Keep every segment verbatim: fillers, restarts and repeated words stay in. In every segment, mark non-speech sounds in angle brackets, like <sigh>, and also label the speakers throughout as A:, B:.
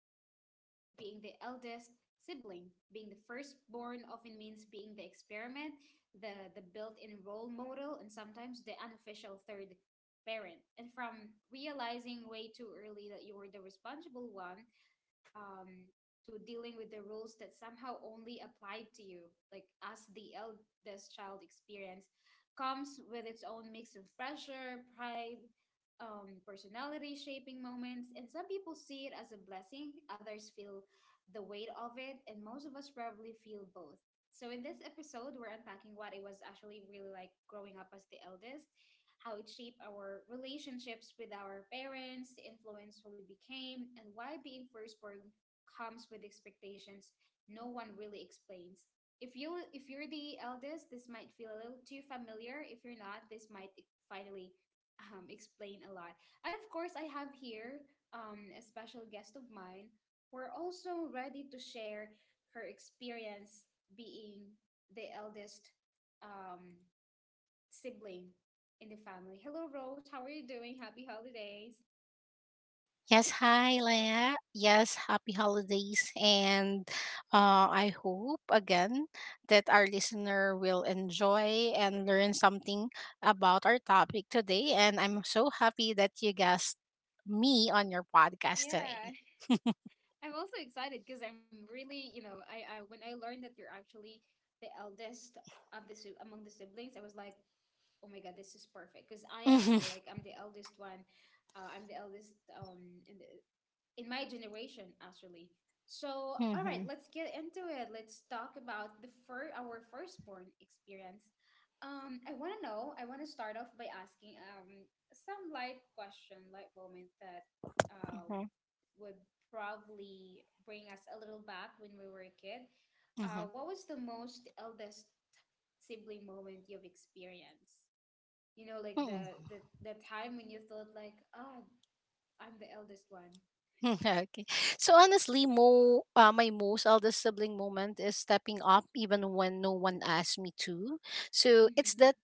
A: grew into being the eldest sibling. Being the firstborn often means being the experiment, the, the built in role model, and sometimes the unofficial third parent. And from realizing way too early that you were the responsible one um, to dealing with the rules that somehow only apply to you. Like as the eldest child experience comes with its own mix of pressure, pride, um, personality shaping moments, and some people see it as a blessing, others feel the weight of it, and most of us probably feel both. So, in this episode, we're unpacking what it was actually really like growing up as the eldest, how it shaped our relationships with our parents, influenced who we became, and why being firstborn comes with expectations no one really explains. If you if you're the eldest, this might feel a little too familiar. If you're not, this might e, finally um, explain a lot. And of course, I have here um, a special guest of mine. We're also ready to share her experience being the eldest um, sibling in the family. Hello, Rose. How are you doing? Happy holidays.
B: Yes, hi, Leah. Yes, happy holidays. And uh, I hope again that our listener will enjoy and learn something about our topic today. And I'm so happy that you guessed me on your podcast today.
A: Yeah. I'm also excited because I'm really, you know, I, I when I learned that you're actually the eldest of the si- among the siblings, I was like, oh my God, this is perfect because I am too.
B: <laughs>
A: Like I'm the eldest one. Uh, I'm the eldest um in the in my generation actually. So
B: Mhm,
A: all right,
B: mhm,
A: let's get into it. Let's talk about the fir- our firstborn experience. um I want to know, i want to start off by asking um some light question, light moment that uh
B: mhm,
A: would probably bring us a little back when we were a kid. Uh
B: mhm.
A: what was the most eldest sibling moment you've experienced, you know, like
B: Mhm.
A: the the, the time when you thought like, ah, I'm the eldest one.
B: <laughs> okay. So honestly, Mo, uh, my most eldest sibling moment is stepping up even when no one asked me to. So it's that
A: Mm-hmm.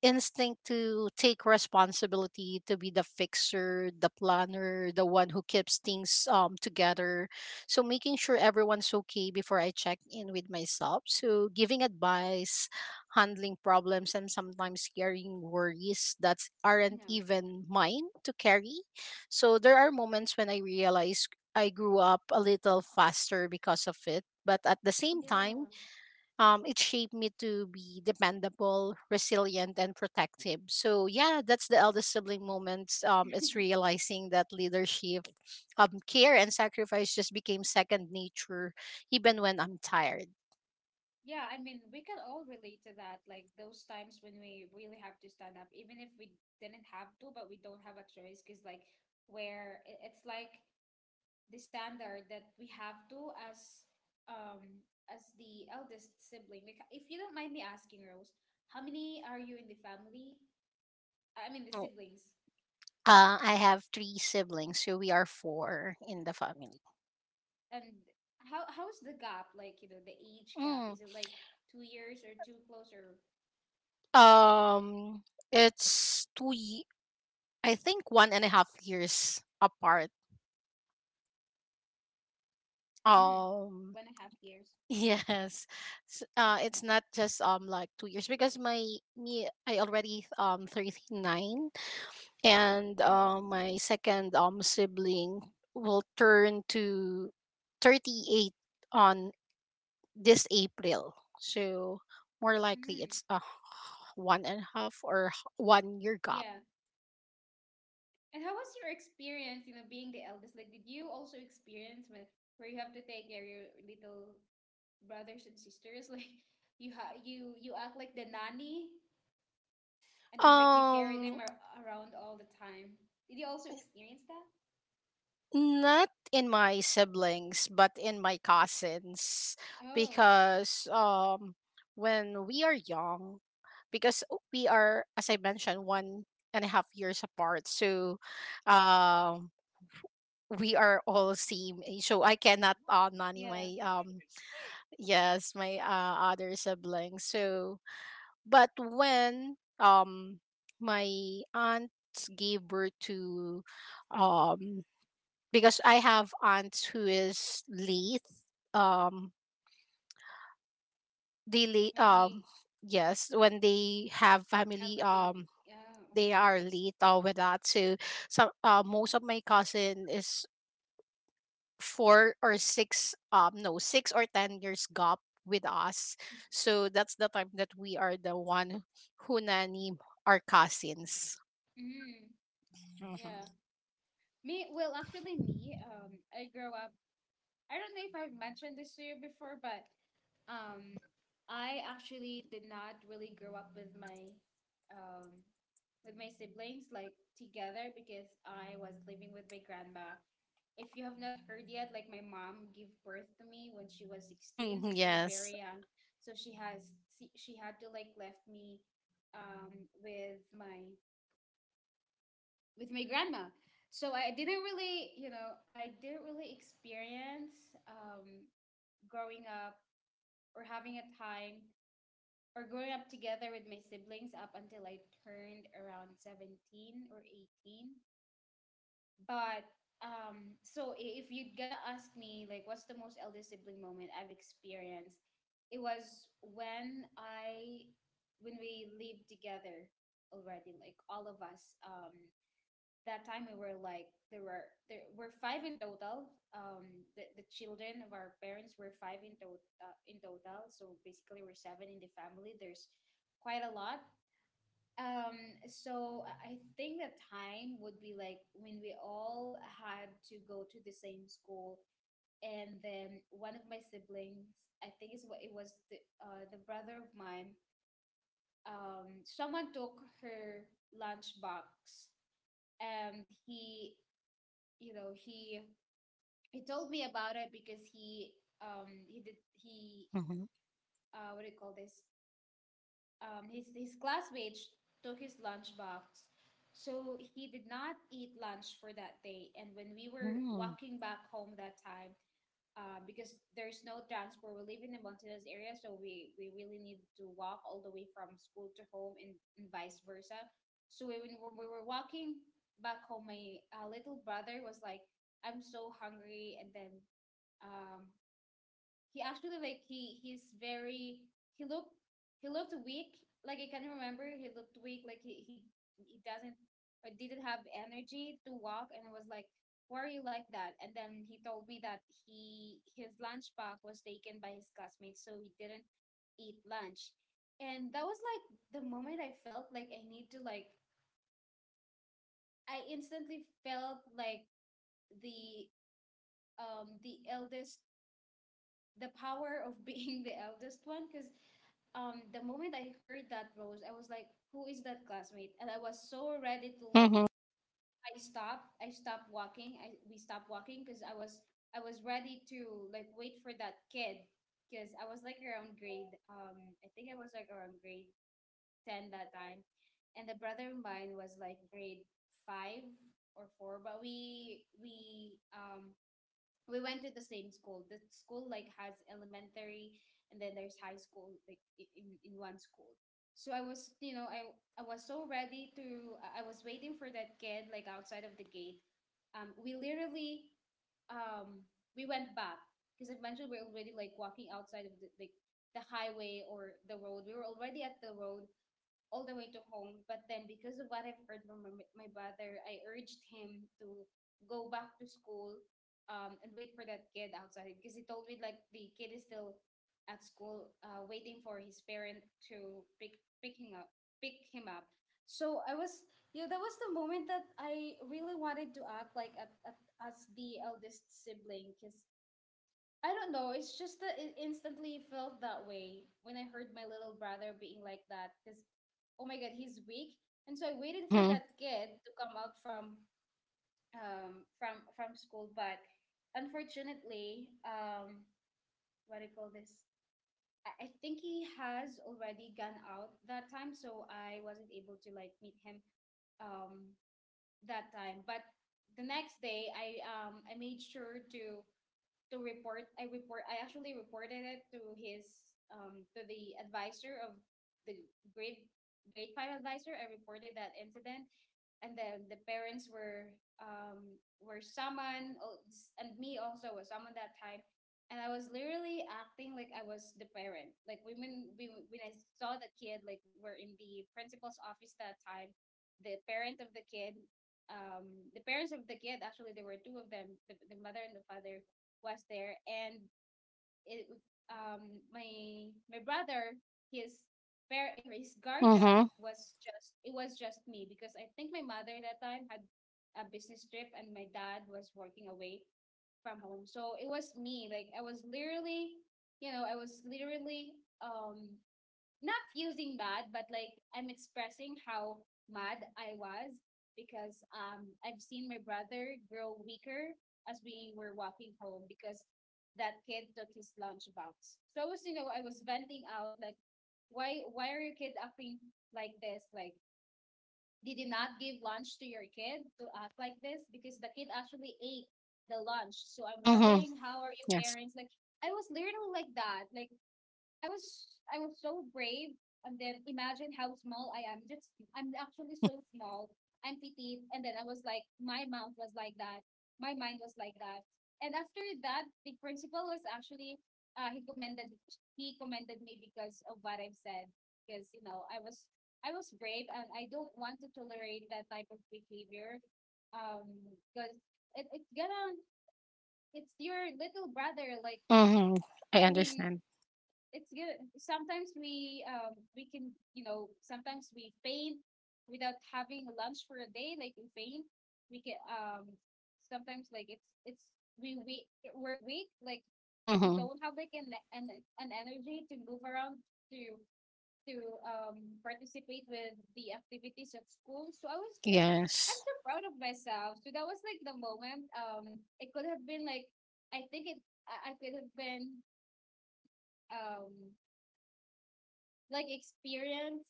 B: instinct to take responsibility, to be the fixer, the planner, the one who keeps things um together. So making sure everyone's okay before I check in with myself. So giving advice, handling problems, and sometimes carrying worries that aren't
A: Yeah.
B: even mine to carry. So there are moments when I realize I grew up a little faster because of it, but at the same time,
A: Yeah.
B: um, it shaped me to be dependable, resilient, and protective. So yeah, that's the eldest sibling moments. Um, it's realizing that leadership, um, care, and sacrifice just became second nature, even when I'm tired.
A: Yeah, I mean, we can all relate to that. Like those times when we really have to stand up, even if we didn't have to, but we don't have a choice, because like where i- it's like the standard that we have to, as um as the eldest sibling. Like if you don't mind me asking, Rose, how many are you in the family? I mean the
B: Mm.
A: siblings.
B: Uh, I have three siblings, so we are four in the family.
A: And how how's the gap? Like, you know, the age gap?
B: Mm.
A: Is it like two years or too close, or
B: Um, it's two. Ye- I think one and a half years apart.
A: mm, one and a half
B: Um,
A: years?
B: Yes. S uh, It's not just um like two years, because my me I already um thirty-nine, and
A: Mm.
B: uh, my second um sibling will turn to thirty-eight on this April. So more
A: Mm,
B: likely it's a h- one and a half, or h- one year
A: yeah.
B: gap.
A: And how was your experience, you know, being the eldest? Like, did you also experience with where you have to take care of your little brothers and sisters? <laughs> Like, you ha you you act like the nanny, and you like you carry
B: Um
A: them ar around all the time. Did you also experience that?
B: Not in my siblings, but in my cousins,
A: Oh,
B: because um, when we are young, because we are, as I mentioned, one and a half years apart, so um, we are all same age. So I cannot uh, nanny
A: yeah.
B: my, um, yes, my, uh, other siblings. So, but when um, my aunt gave birth to, um because I have aunts who is late. Um, they late.
A: When you
B: Um, yes, when they have
A: have
B: family,
A: a
B: um,
A: baby. Yeah,
B: they
A: okay.
B: are late uh, with that. So, some uh, most of my cousin is four or six. Um, no, six or ten years gap with us. So that's the time that we are the one who nanny our cousins.
A: Mm, yeah.
B: Mm-hmm.
A: Me, well, actually, me, um, I grew up. I don't know if I've mentioned this to you before, but Um, I actually did not really grow up with my um with my siblings like together, because I was living with my grandma. If you have not heard yet, like my mom gave birth to me when she was sixteen,
B: Mm-hmm,
A: so she's
B: yes.
A: very young. So she has she, she had to like left me um with my with my grandma. So I didn't really, you know, I didn't really experience um growing up or having a time or growing up together with my siblings up until I turned around seventeen or eighteen. But um, so i- if you're gonna ask me, like, what's the most eldest sibling moment I've experienced? It was when I, When we lived together already, like all of us. Um, that time we were like, there were there were five in total. um the, the children of our parents were five in total uh, in total. So basically we're seven in the family. There's quite a lot. um so i I think the time would be like when we all had to go to the same school, and then one of my siblings, I think it's what it was the uh, the brother of mine. Um someone took her lunchbox, and he you know he he told me about it, because he um he did he
B: Mm-hmm.
A: uh what do you call this, um, his, his classmates took his lunchbox. So he did not eat lunch for that day. And when we were
B: Mm-hmm.
A: walking back home that time, uh, because there's no transport, we live in the mountainous area, so we, we really need to walk all the way from school to home and, and vice versa. So when we were, we were walking back home, my uh, little brother was like, I'm so hungry. And then um, he actually like he he's very he looked he looked weak. Like I can remember, he looked weak. Like he he, he doesn't or didn't have energy to walk, and I was like, "Why are you like that?" And then he told me that he his lunch bag was taken by his classmates, so he didn't eat lunch. And that was like the moment I felt like I need to like, I instantly felt like the um the eldest, the power of being <laughs> the eldest one. Because um the moment I heard that, Rose, I was like, who is that classmate? And I was so ready to like,
B: Mm-hmm.
A: I stopped, I stopped walking. I We stopped walking because I was, I was ready to like wait for that kid, because I was like around grade um I think I was like around grade ten that time. And the brother of mine was like grade five or four, but we we um we went to the same school. The school like has elementary and then there's high school like i- in, in one school. So I was, you know, I I was so ready to, I I was waiting for that kid like outside of the gate. Um, we literally um we went back, because I mentioned we're already like walking outside of the like the highway or the road. We were already at the road all the way to home. But then, because of what I've heard from my, my brother, I urged him to go back to school, um, and wait for that kid outside, because he told me like the kid is still at school, uh, waiting for his parent to pick picking up pick him up. So I was, you know, that was the moment that I really wanted to act like at, at, as the eldest sibling, because I don't know. It's just that it instantly felt that way when I heard my little brother being like that. Because, oh my God, he's weak. And so I waited for
B: Mm-hmm.
A: that kid to come out from um from from school, but unfortunately, um, what do you call this? I, I think he has already gone out that time, so I wasn't able to like meet him um that time. But the next day, I um I made sure to to report. I report. I actually reported it to his um to the advisor of the grade grade five advisor. I reported that incident, and then the parents were um were someone, and me also was someone that time. And I was literally acting like I was the parent. Like when we when I saw the kid, like we're in the principal's office that time, the parent of the kid um the parents of the kid, actually there were two of them, the, the mother and the father was there. And it, um, my my brother, his par- his guardian
B: Mm-hmm.
A: was just, it was just me, because I think my mother that time had a business trip, and my dad was working away from home. So it was me. Like I was literally, you know, I was literally um not feeling bad, but like I'm expressing how mad I was, because um I've seen my brother grow weaker as we were walking home, because that kid took his lunchbox. So I was, you know, I was venting out like, why why are your kid acting like this? Like, did you not give lunch to your kid to act like this? Because the kid actually ate the lunch. So I'm
B: Mm-hmm.
A: wondering how are your
B: Yes.
A: parents like. I was literally like that. Like I was I was so brave. And then imagine how small I am. Just I'm actually so small and petite. And then I was like, my mouth was like that. My mind was like that. And after that, the principal was actually, uh, he commended he commended me because of what I've said. Because you know, I was I was brave, and I don't want to tolerate that type of behavior. Um, because it, it's gonna it's your little brother, like.
B: Mm-hmm. I
A: I mean,
B: understand.
A: it's good. Sometimes we um we can, you know, sometimes we faint without having lunch for a day. Like, we faint, we can, um sometimes, like, it's it's we we we're weak. Like, we
B: Mm-hmm.
A: don't have like an an an energy to move around, to to um participate with the activities of school. So, I was just I'm
B: Yes.
A: so proud of myself. So that was like the moment. Um, it could have been like, I think it I I could have been, um like, experience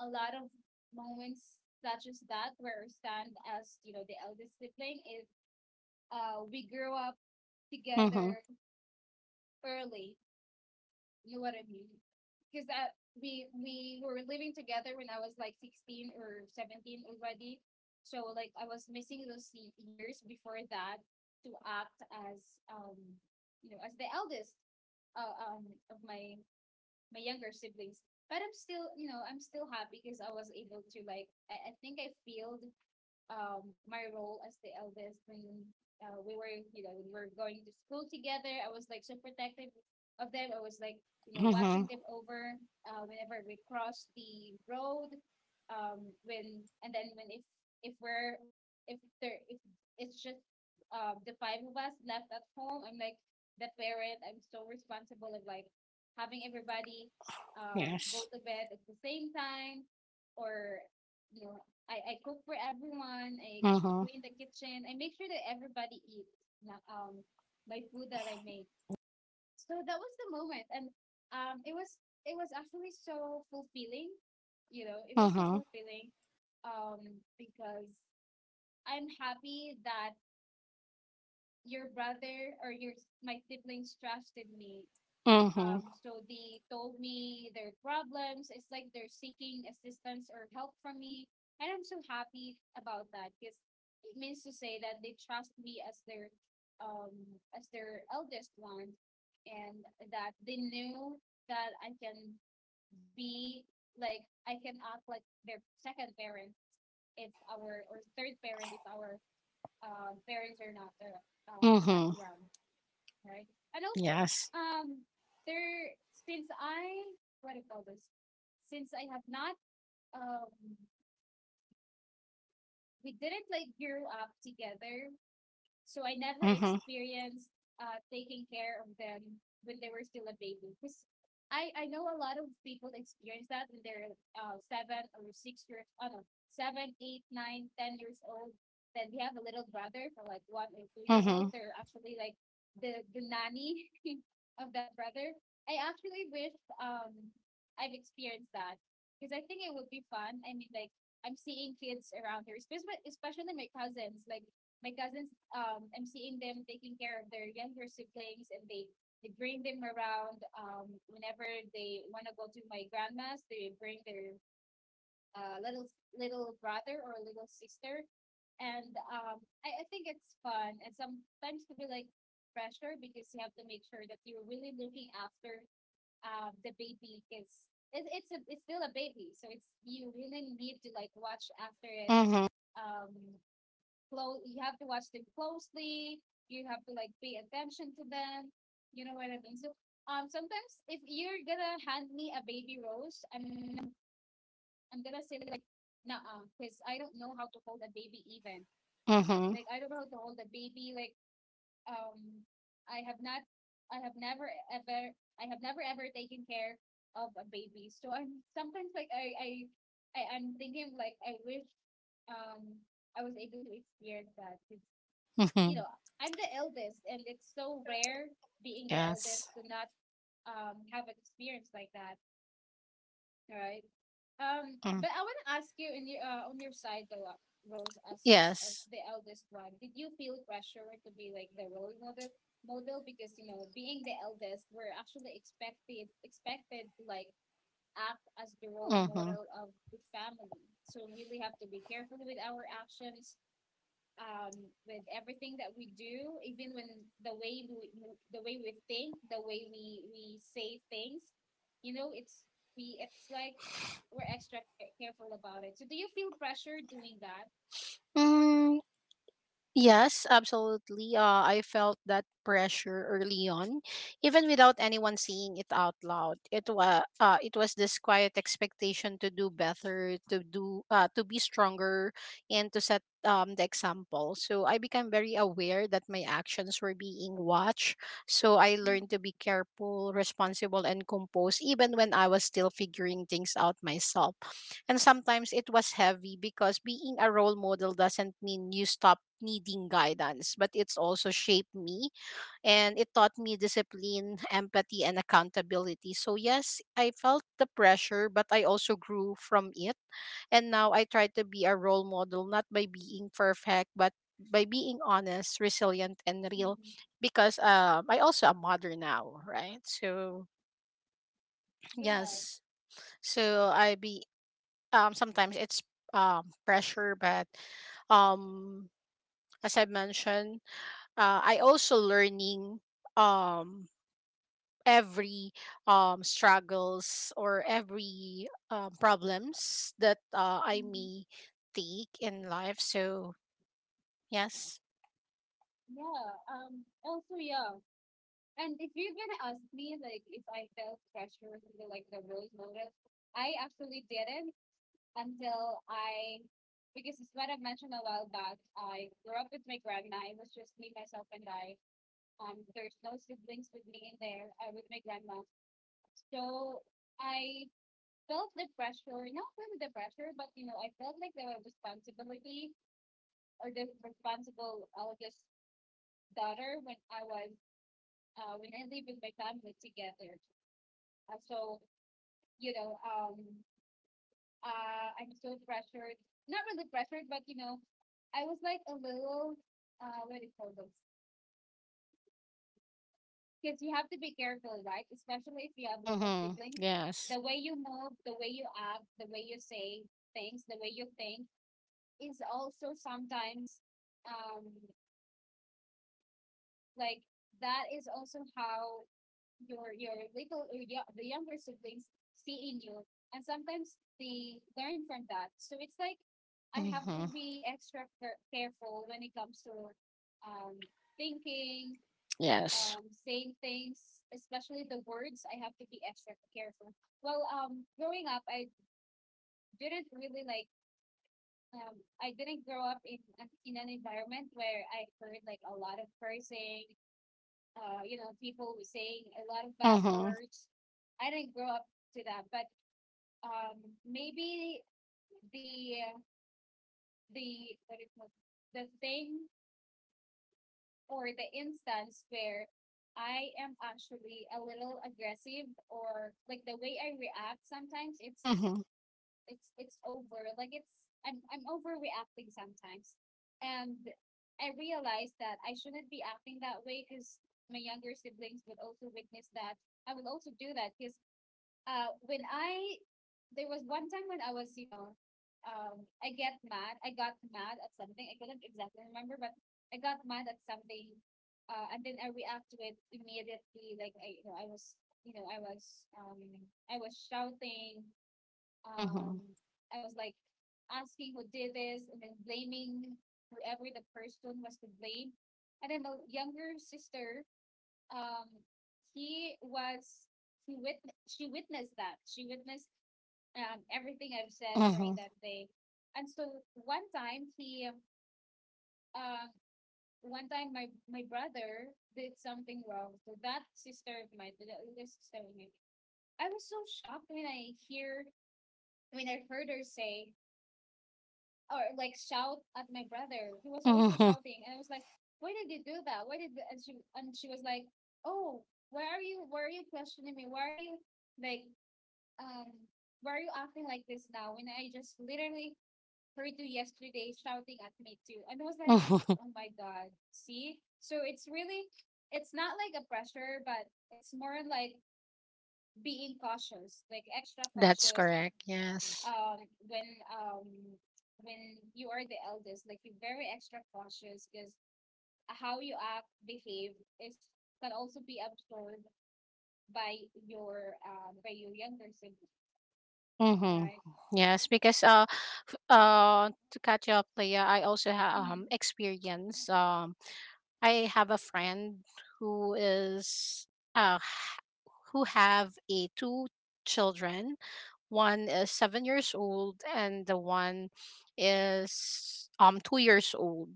A: a lot of moments such as that, where stand, as you know, the eldest sibling is. Uh we grew up
B: Mm-hmm.
A: together early, you know what I mean, because uh, we we were living together when I was like sixteen or seventeen already. So, like, I was missing those y- years before that, to act as, um you know, as the eldest, uh, um of my my younger siblings. But I'm still, you know, I'm still happy, because I was able to, like, I, I think I failed, um my role as the eldest, when uh, we were you know when we were going to school together. I was like so protective of them. I was like, you know,
B: Mm-hmm.
A: watching them over, uh, whenever we cross the road. Um when, and then when if if we're if there if it's just uh the five of us left at home, I'm like the parent. I'm so responsible of, like, having everybody, um go
B: Yes.
A: to bed at the same time, or, you know, I, I cook for everyone. I
B: Mm-hmm.
A: clean the kitchen. I make sure that everybody eats, um my food that I make. So that was the moment, and um it was it was actually so fulfilling. You know, it was so
B: Mm-hmm.
A: fulfilling, um because I'm happy that your brother or your my siblings trusted me.
B: Mm-hmm.
A: Um, so they told me their problems. It's like they're seeking assistance or help from me. And I'm so happy about that, because it means to say that they trust me as their, um as their eldest one, and that they knew that I can be, like, I can act like their second parent. It's our, or third parent. It's our uh, Parents are not, uh, um are not
B: Mm-hmm.
A: around, right? And also,
B: Yes.
A: um, there, since I what do you call this? Since I have not um, we didn't like grow up together, so I never
B: Mm-hmm.
A: experienced, uh, taking care of them when they were still a baby. Because I, I know a lot of people experience that when they're, uh, seven or six years, oh no, seven, eight, nine, ten years old. Then we have a little brother for like one or two year old.
B: Mm-hmm.
A: They're actually like the, the nanny <laughs> of that brother. I actually wish, um I've experienced that, because I think it would be fun. I mean, like, I'm seeing kids around here, especially especially my cousins. Like, my cousins, um, I'm seeing them taking care of their younger siblings, and they, they bring them around. Um, whenever they want to go to my grandma's, they bring their, uh, little little brother or little sister. And, um, I, I think it's fun. And sometimes to be like pressure, because you have to make sure that you're really looking after, um, the baby, because it, it's a, it's still a baby. So, it's you really need to, like, watch after it,
B: Mm-hmm.
A: um close you have to watch them closely. You have to like pay attention to them, you know what I mean. So, um sometimes, if you're gonna hand me a baby, Rose, i'm I'm gonna say, like, nah, because I don't know how to hold a baby, even, like, I don't
B: Mm-hmm.
A: know how to hold a baby, like, um i have not i have never ever I have never ever taken care of a baby. So I'm sometimes like, i i, I i'm thinking, like, I wish, um I was able to experience that, because, you
B: Mm-hmm.
A: know, I'm the eldest, and it's so rare being the
B: Yes.
A: eldest to not, um have an experience like that, right? Um,
B: Mm.
A: but I want to ask you in your, uh, on your side, though, uh, Rose. As as
B: Yes.
A: the eldest one, did you feel pressure to be like the role model model, because, you know, being the eldest, we're actually expected expected to, like, act as the role
B: Mm-hmm.
A: model of the family. So we really have to be careful with our actions, um with everything that we do, even when, the way we the way we think, the way we we say things, you know. It's, we it's like, we're extra care- careful about it. So, do you feel pressure doing that?
B: Mm. Yes, absolutely. Uh, I felt that pressure early on, even without anyone saying it out loud. It was uh, it was this quiet expectation to do better, to do uh, to be stronger, and to set um, the example. So I became very aware that my actions were being watched. So I learned to be careful, responsible, and composed, even when I was still figuring things out myself. And sometimes it was heavy, because being a role model doesn't mean you stop needing guidance, but it's also shaped me, and it taught me discipline, empathy, and accountability. So, yes, I felt the pressure, but I also grew from it. And now I try to be a role model, not by being perfect, but by being honest, resilient, and real,
A: Mm-hmm.
B: because um, I also a mother now, right? So
A: Yeah.
B: yes, so I be um sometimes it's um pressure, but um as I mentioned, uh, I also learning um every um struggles, or every uh, problems that uh, I
A: Mm-hmm.
B: may take in life, so yes.
A: Yeah, um also, yeah. And if you're gonna ask me, like, if I felt pressure with the, like the role model, I actually didn't, until I, because it's what I mentioned a while back, I grew up with my grandma. It was just me, myself, and I. Um, there's no siblings with me in there. I with my grandma. So I felt the pressure, not really the pressure, but, you know, I felt like the responsibility, or the responsible eldest daughter, when I was, uh, when I lived with my family together. Uh, so, you know, um, uh, I'm still pressured, not really pressured, but, you know, I was like a little, uh, what do you call those? Because you have to be careful, right? Especially if you have little
B: Mhm.
A: siblings.
B: Yes.
A: The way you move, the way you act, the way you say things, the way you think is also sometimes, um, like, that is also how your your little or yo- the younger siblings see in you, and sometimes they learn from that. So it's like I have to
B: Mhm.
A: be extra care- careful when it comes to, um thinking,
B: Yes.
A: um, saying things. Especially the words, I have to be extra careful. Well, um, growing up, I didn't really like. Um, I didn't grow up in in an environment where I heard like a lot of cursing. Uh, you know, people saying a lot of bad
B: Mhm.
A: words. I didn't grow up to that, but, um, maybe the the, what is it, the thing or the instance where I am actually a little aggressive, or like the way I react sometimes, it's
B: Mhm.
A: it's it's over, like, it's I'm I'm overreacting sometimes. And I realized that I shouldn't be acting that way, because my younger siblings would also witness that, I will also do that. Because, uh when I there was one time when I was, you know, um I get mad. I got mad at something. I couldn't exactly remember, but I got mad at something, uh and then I react to it immediately. Like, I you know, I was you know, I was um I was shouting, um
B: Mhm.
A: I was like asking who did this and then blaming whoever the person was to blame. And then the younger sister, um, he was he wit- she witnessed that. She witnessed um, everything I've said during
B: Mhm.
A: that day. And so, one time he uh, one time my my brother did something wrong to that sister of mine, to the older sister of mine. I was so shocked when I hear when I heard her say, or like, shout at my brother. He was also
B: Mhm.
A: shouting, and I was like, "Why did you do that? Why did?" you-" And she and she was like, "Oh, why are you? Why are you questioning me? Why are you like um? Why are you acting like this now? When I just literally heard you yesterday shouting at me too." And I was like,
B: Mhm. <laughs>
A: "Oh my god, see." So, it's really, it's not like a pressure, but it's more like being cautious, like extra
B: That's
A: cautious,
B: correct, yes.
A: um when um when you are the eldest, like, be very extra cautious, because how you act, behave is, can also be absorbed by your uh by your younger sibling,
B: Mm-hmm.
A: right?
B: Yes, because uh, f- uh, to catch up, Leah, I also have
A: Mm-hmm.
B: um experience. Um, I have a friend who is uh h- who have a two children. One is seven years old, and the one is um two years old.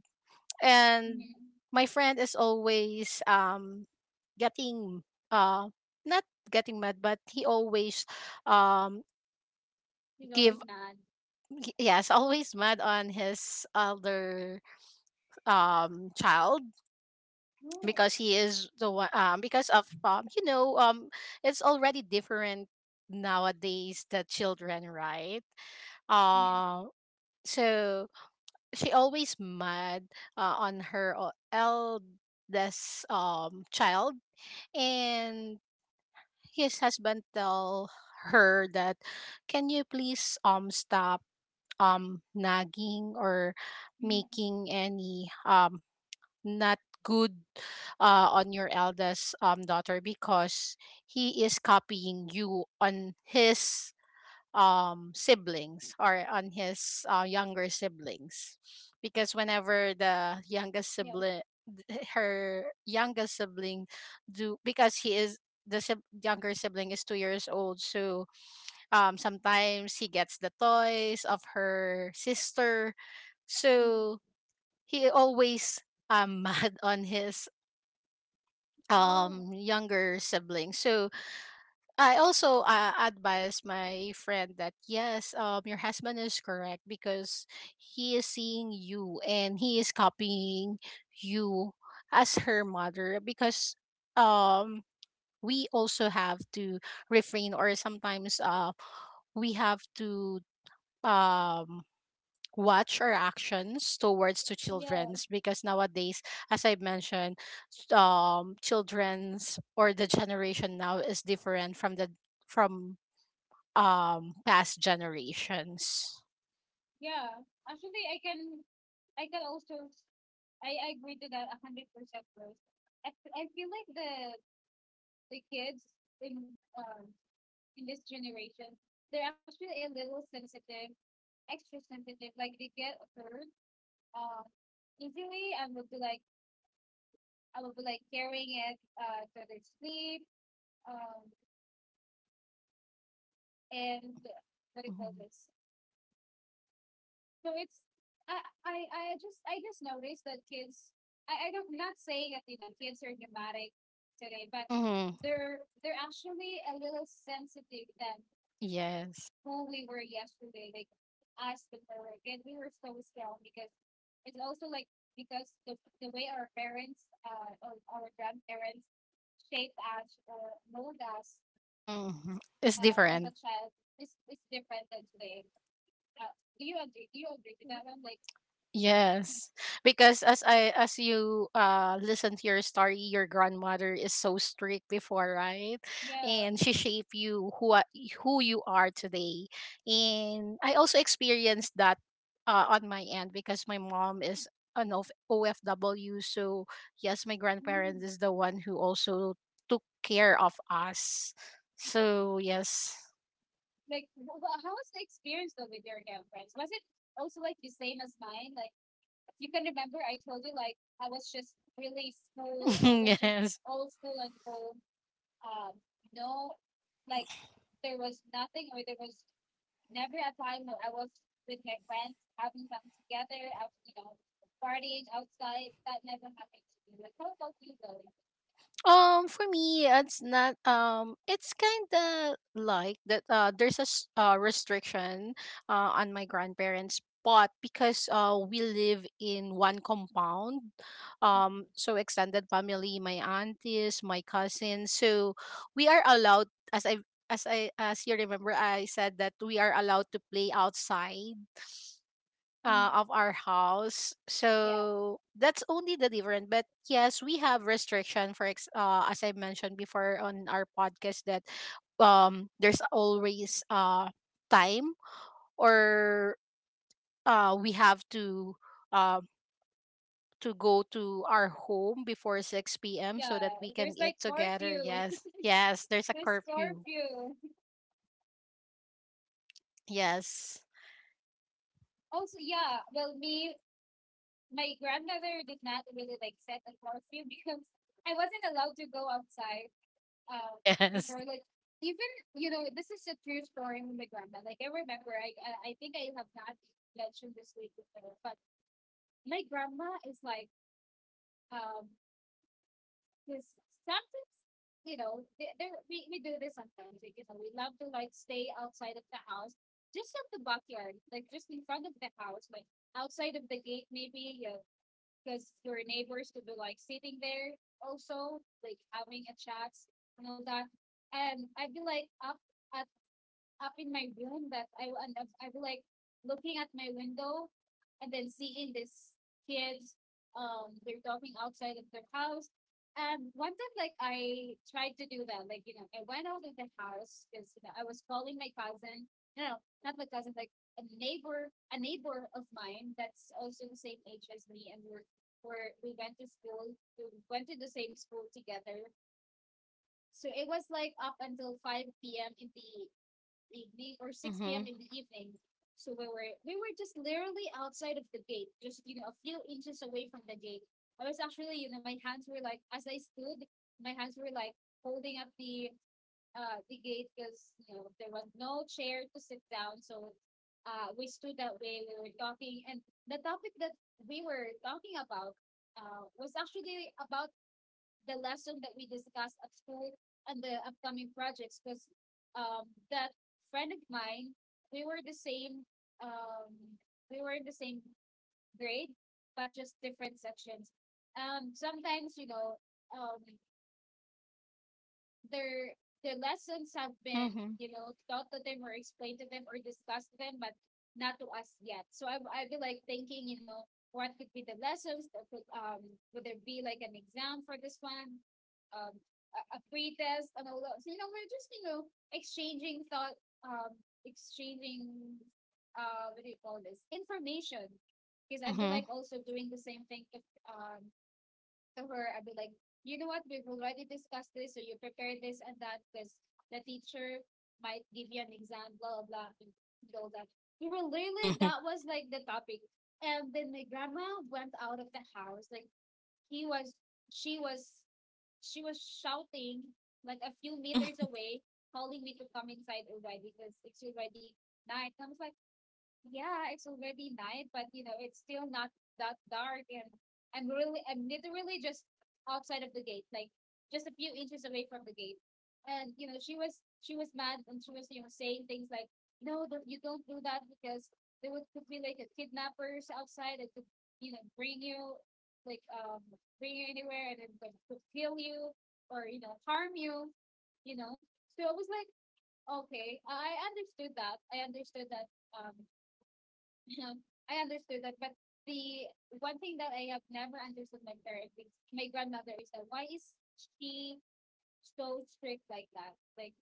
B: And
A: Mm-hmm.
B: my friend is always um getting uh not getting mad, but he always um
A: He's
B: give
A: always mad.
B: y- yes, always mad on his elder um child,
A: No.
B: because he is the one, um because of, um you know um it's already different nowadays, the children, right?
A: Mm-hmm.
B: uh so she always mad uh, on her o- eldest um child, and his husband tell her that, can you please um stop um nagging, or
A: Mm-hmm.
B: making any um not good uh, on your eldest um daughter, because he is copying you on his um siblings, or on his uh, younger siblings, because whenever the
A: Yeah.
B: youngest sibling <laughs> her youngest sibling do, because he is the sib- younger sibling is two years old, so um, sometimes he gets the toys of her sister.
A: Mm-hmm.
B: So he always, um, <laughs> mad on his,
A: Oh.
B: um, younger siblings. So I also uh, advise my friend that yes, um, your husband is correct, because he is seeing you and he is copying you as her mother, because um, we also have to refrain, or sometimes uh, we have to um watch our actions towards to
A: Yeah.
B: children's, because nowadays, as I mentioned, s- um children's, or the generation now, is different from the from um past generations.
A: Yeah. Actually, I can I can also I, I agree to that a hundred percent. Rose. I, f- I feel like the the kids in, um in this generation, they're actually a little sensitive, extra sensitive. Like, they get hurt, um easily, and will be like, I will be like carrying it, uh to their sleep, um and, what do you call this? So it's I I, I just I just noticed that kids I, I don't not saying that you know kids are dramatic today, but
B: Mm-hmm.
A: they're they're actually a little sensitive than
B: Yes.
A: who we were yesterday, like us before, we we were so scared because it's also like because the, the way our parents uh, or our grandparents shaped us or molded us
B: Mm-hmm. It's
A: uh, as a
B: different.
A: child is, is different than today. Uh, do you agree? Do you agree with that? I'm like,
B: Yes, because as I as you uh listen to your story, your grandmother is so strict before, right?
A: yeah.
B: And she shaped you, who a- who you are today. And I also experienced that uh, on my end, because my mom is an of O F W, so yes, my
A: Mm.
B: grandparents is the one who also took care of us. So yes.
A: Like, wh- how was the experience though with your grandparents? Was it also like the same as mine? Like, if you can remember I told you like I was just really small.
B: <laughs>
A: I was just
B: Yes.
A: old school and old um no, like there was nothing or there was never a time where I was with my friends having fun together, out you know, partying outside. That never happened to me. Like how about you though?
B: Um, for me, it's not. Um, it's kind of like that. Uh, there's a s- uh, restriction uh, on my grandparents, but because uh, we live in one compound, um, so extended family, my aunties, my cousins, so we are allowed, as I as I as you remember, I said that we are allowed to play outside uh, of our house.
A: Yeah.
B: So that's only the difference. But yes, we have restriction for ex- uh, as I mentioned before on our podcast that um there's always uh time, or uh we have to, um to go to our home before six p m
A: Yeah.
B: so that we
A: There's
B: can
A: like
B: eat together.
A: curfew.
B: Yes. Yes, there's
A: <laughs>
B: a
A: There's
B: curfew.
A: curfew.
B: Yes. <laughs>
A: Also, yeah, well me, my grandmother did not really like set a curfew because I wasn't allowed to go outside. um
B: Yes.
A: Before, like, even you know, this is a true story with my grandma, like I remember i i I think I have not mentioned this week before, but my grandma is like um because sometimes, you know, they, they we, we do this sometimes like, you know, we love to like stay outside of the house, just in the backyard, like just in front of the house, like outside of the gate, maybe you, because your neighbors could be like sitting there also like having a chat and all that, and I'd be like up, I up in my room that I will end up, I will like looking at my window and then seeing these kids, um, they're talking outside of their house. And one time, like I tried to do that, like you know, I went out of the house because you know I was calling my cousin, you know, not my cousin, like a neighbor, a neighbor of mine that's also the same age as me, and we're, we're we went to school, we went to the same school together. So it was like up until five p m in the evening or six p m
B: Mhm.
A: in the evening. So we were we were just literally outside of the gate, just you know, a few inches away from the gate. I was actually, you know, my hands were like as I stood, my hands were like holding up the uh the gate because you know there was no chair to sit down. So uh we stood that way, we were talking, and the topic that we were talking about uh was actually about the lesson that we discussed at school and the upcoming projects because um, that friend of mine, we were the same, um, we were in the same grade, but just different sections. Um, sometimes, you know, um, their the lessons have been
B: Mhm.
A: you know taught to them or explained to them or discussed to them, but not to us yet, so i i be like thinking, you know, what could be the lessons that could um would there be like an exam for this one, um a, a pre-test and all that, so you know we're just you know exchanging thought, um exchanging uh what do you call this, information, because I'd be
B: Mhm.
A: like also doing the same thing if um to her, I'd be like, you know what, we've already discussed this, or you prepared this and that, because the teacher might give you an exam, blah, blah, blah, and all that. We were literally, that
B: <laughs>
A: was like the topic. And then my grandma went out of the house. Like, he was, she was, she was shouting like a few meters
B: Mhm.
A: away, calling me to come inside already because it's already night. And I was like, yeah, it's already night, but you know, it's still not that dark and I'm really I'm literally just outside of the gate, like just a few inches away from the gate. And you know, she was she was mad and she was, you know, saying things like, no, don't, you don't do that because there would could be like a kidnappers outside that could, you know, bring you like um bring you anywhere and then like, could kill you or, you know, harm you, you know. So I was like, okay, I understood that. I understood that um <laughs> I understood that, but the one thing that I have never understood my parents, my grandmother is that why is she so strict like that? Like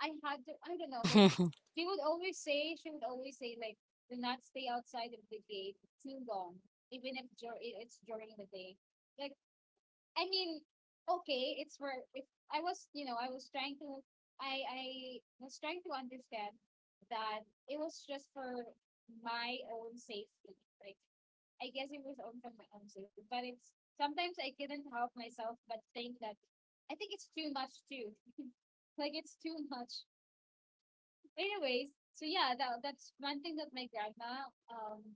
A: I had to, I don't know, like
B: Mhm.
A: she would always say, she would always say like, do not stay outside of the gate too long, even if dur- it's during the day. Like I mean, okay, it's for if I was, you know, I was trying to, I I was trying to understand that it was just for my own safety. Like, I guess it was own for my own safety, but it's sometimes I couldn't help myself but think that I think it's too much too. <laughs> Like, it's too much. Anyways, so yeah, that that's one thing that my grandma, um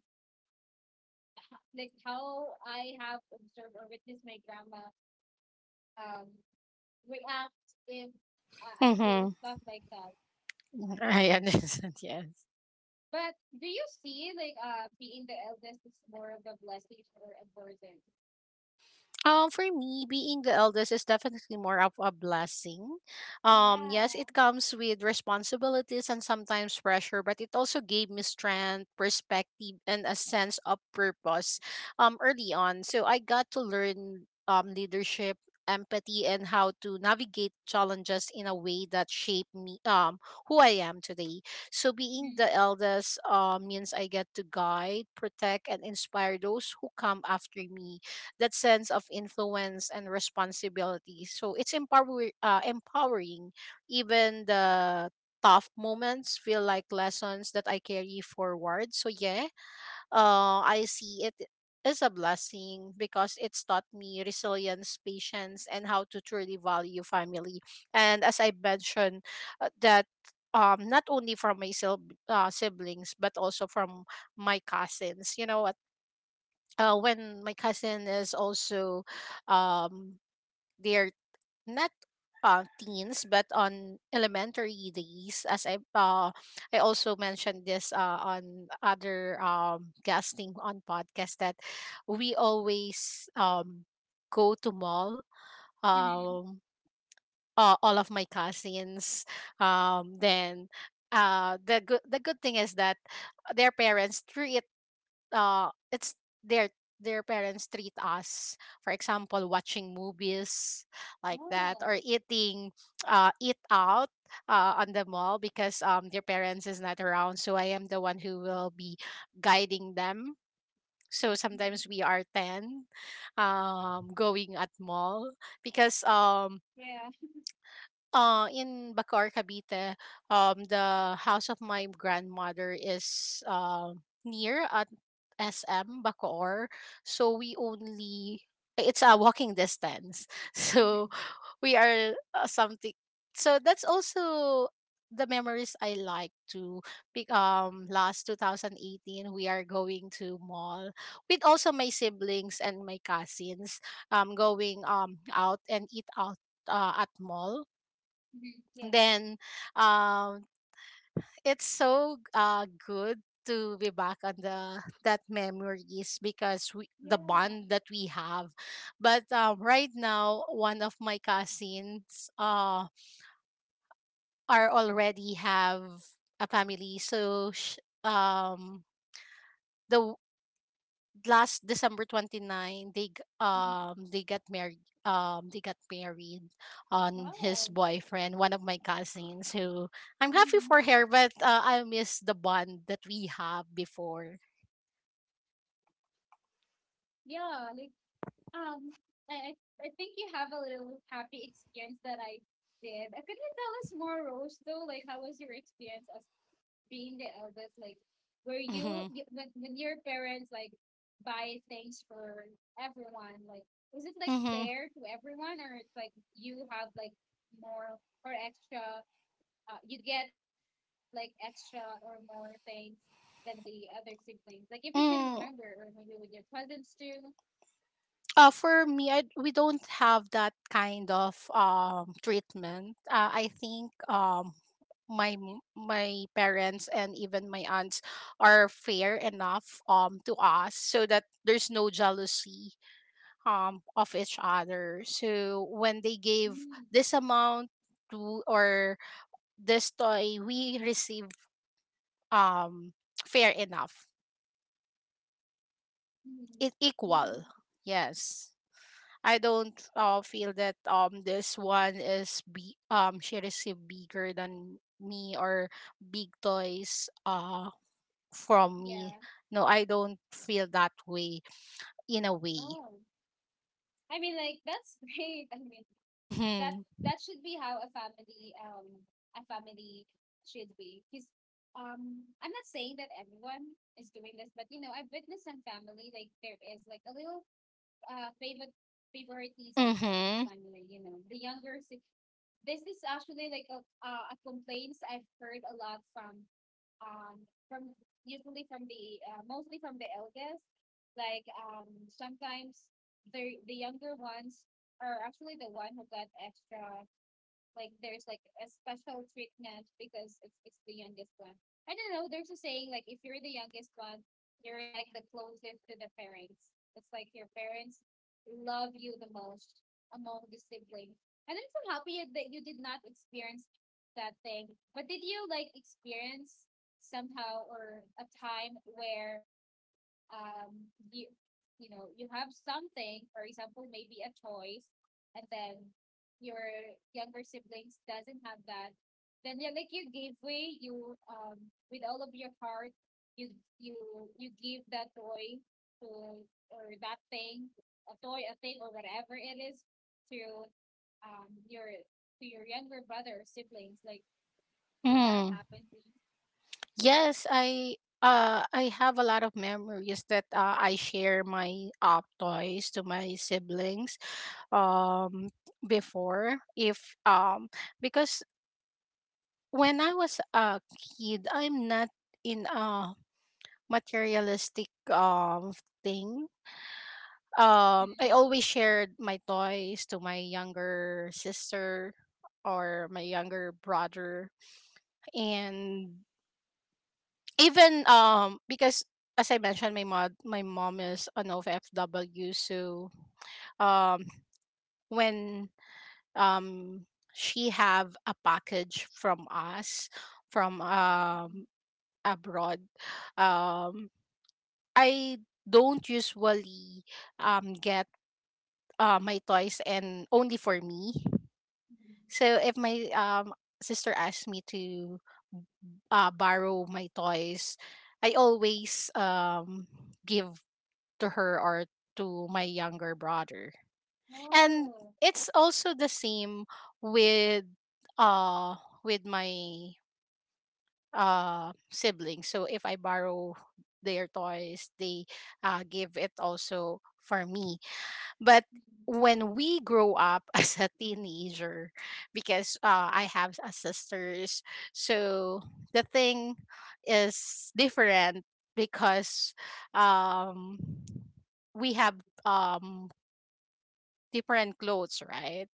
A: h- like how I have observed or witnessed my grandma um react if I, I do
B: Mhm.
A: stuff like that.
B: <laughs>
A: Um,
B: 哎呀，那 e 天，<laughs>
A: But do you see like uh being the eldest is more of a blessing or a burden?
B: Um, for me, being the eldest is definitely more of a blessing. Um,
A: Yeah.
B: yes, it comes with responsibilities and sometimes pressure, but it also gave me strength, perspective, and a sense of purpose. Um, early on, so I got to learn um leadership, empathy, and how to navigate challenges in a way that shaped me, um who I am today. So being the eldest um means I get to guide, protect, and inspire those who come after me, that sense of influence and responsibility. So it's empower uh, empowering. Even the tough moments feel like lessons that I carry forward. So yeah, uh, I see it as a blessing, because it's taught me resilience, patience, and how to truly value family. And as I mentioned, uh, that um not only from my sil- uh, siblings, but also from my cousins, you know what? Uh, when my cousin is also, um they're not uh, teens, but on elementary days, as I, uh i also mentioned this uh on other um guesting on podcast, that we always um go to mall,
A: Mm-hmm.
B: um uh, all of my cousins, um then, uh the good the good thing is that their parents treat uh it's their their parents treat us, for example watching movies like that,
A: Oh.
B: or eating uh eat out uh, on the mall, because um their parents is not around, so I am the one who will be guiding them. So sometimes
A: Mhm.
B: we are ten um going at mall, because um
A: Yeah.
B: uh in Bacoor, Cavite, um the house of my grandmother is uh, near at S M Bacoor. So we only, eh, it's a walking distance. <laughs> So
A: Mhm.
B: we are uh, something. So that's also the memories I like to pick, um last twenty eighteen we are going to mall with also my siblings and my cousins, um going um out and eat out uh, at mall.
A: Mhm. Yeah.
B: Then um it's so uh good to be back on the that memories, because we, the
A: Yeah.
B: bond that we have. But um, right now one of my cousins uh are already have a family, so sh- um the last December 29 they g- um they got married um they got married on his
A: Wow.
B: boyfriend, one of my cousins who, I'm happy
A: Hmm.
B: for her, but uh, I miss the bond that we have before.
A: Yeah, like, Um, I I I think you have a little happy experience that I did. Uh, Could you tell us more, Rose? Though, like, how was your experience as being the eldest? Like, were you
B: Mm-hmm.
A: y- when when your parents like buy things for everyone? Like, is it like
B: Mm-hmm.
A: fair to everyone, or it's like you have like more or extra? Uh, you get like extra or more things than the other siblings. Like, if you can remember, or
B: Mm,
A: maybe with your cousins too.
B: uh, for me, I, we don't have that kind of um treatment. uh, I think um my m- my parents and even my aunts are fair enough um to us, so that there's no jealousy um of each other. So when they gave this amount to, or this toy we receive, um fair enough,
A: Mhm.
B: it equal,
A: Mm.
B: yes. I don't uh, feel that um this one is, be um she received bigger than me, or big toys uh from me.
A: Yeah.
B: No, I don't feel that way, in a way.
A: Oh. I mean, like that's <laughs> great. I mean, that
B: Mm-hmm.
A: that should be how a family um a family should be. Because um I'm not saying that everyone is doing this, but you know, I've witnessed some family like there is like a little uh favorite favoritism in the
B: Mm-hmm.
A: family, you know. The younger sib- this is actually like a uh, a complaints I've heard a lot from um from usually from the uh, mostly from the eldest, like um sometimes the the younger ones are actually the one who got extra, like there's like a special treatment because it's it's the youngest one. I don't know. There's a saying like if you're the youngest one, you're like the closest to the parents. It's like your parents love you the most among the siblings. And I'm so happy that you did not experience that thing. But did you like experience somehow or a time where um you, you know, you have something, for example maybe a choice, and then your younger siblings doesn't have that, then you like you give way, you um with all of your heart, you you you give that toy to or that thing, a toy, a thing or whatever it is, to um your to your younger brother or siblings, like did that
B: Mm-hmm.
A: happen to you?
B: Yes, I uh I have a lot of memories that uh, I share my uh, toys to my siblings. Um before if um because When I was a kid, I'm not in a materialistic um thing.
A: Mm,
B: Um I always shared my toys to my younger sister or my younger brother. And even um because As I mentioned, my mod my mom is an O F W, so um when um she have a package from us, from
A: mm,
B: um abroad, um I don't usually um get uh, my toys and only for me.
A: mm.
B: So if my um sister asks me to uh, borrow my toys, I always um give to her or to my younger brother. And
A: Oh.
B: it's also the same with uh with my uh siblings. So if I borrow their toys, they uh give it also for me. But
A: Mhm.
B: when we grow up <laughs> as a teenager, because uh, I have a sisters, so the thing is different because um, we have um, different clothes, right?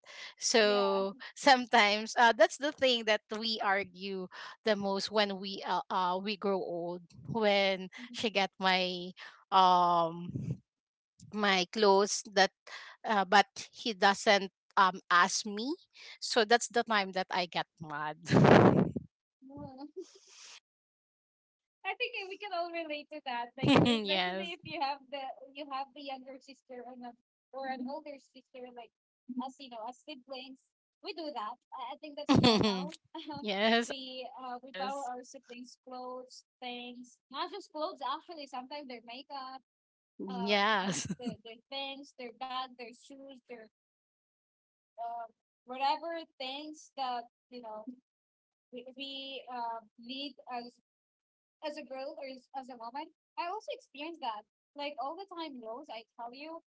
A: Yeah.
B: So <laughs> sometimes uh, that's the thing that we argue the most when we uh, uh we grow old. When
A: Yeah.
B: she got my um my clothes that uh, but he doesn't um ask me, so that's the time that I get mad.
A: Well, <laughs> I think we can all relate to that. Like, you know,
B: <laughs>
A: especially
B: Yes.
A: if you have the you have the younger sister and a, or an older sister, like us, you know, as siblings, we do that. I I think that's
B: <laughs>
A: normal. <laughs>
B: Yes,
A: We uh we borrow
B: yes,
A: our siblings' clothes, things, not just clothes. Actually, sometimes their makeup, um,
B: yes.
A: their, their things, their bag, their shoes, their um whatever things that you know we, we uh, need as as a girl or as as a woman, I also experienced that. Like all the time, knows I tell you,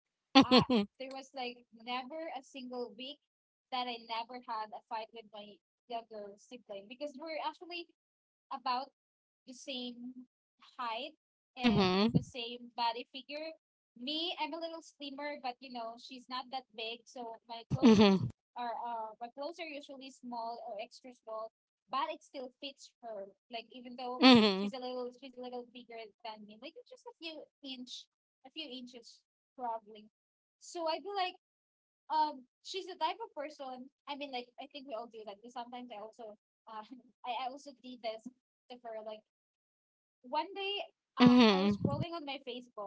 A: I
B: <laughs>
A: there was like never a single week that I never had a fight with my younger sibling because we're actually about the same height and
B: Mhm.
A: the same body figure. Me, I'm a little slimmer, but you know, she's not that big, so my clothes
B: Mhm.
A: are uh my clothes are usually small or extra small, but it still fits her. Like even though
B: Mhm.
A: she's a little she's a little bigger than me, like just a few inch, a few inches probably. So I feel like um, she's the type of person. I mean, like I think we all do that. Because sometimes I also, uh, <laughs> I, I also did this to her. Like one day, um, I was
B: Mhm.
A: scrolling on my Facebook.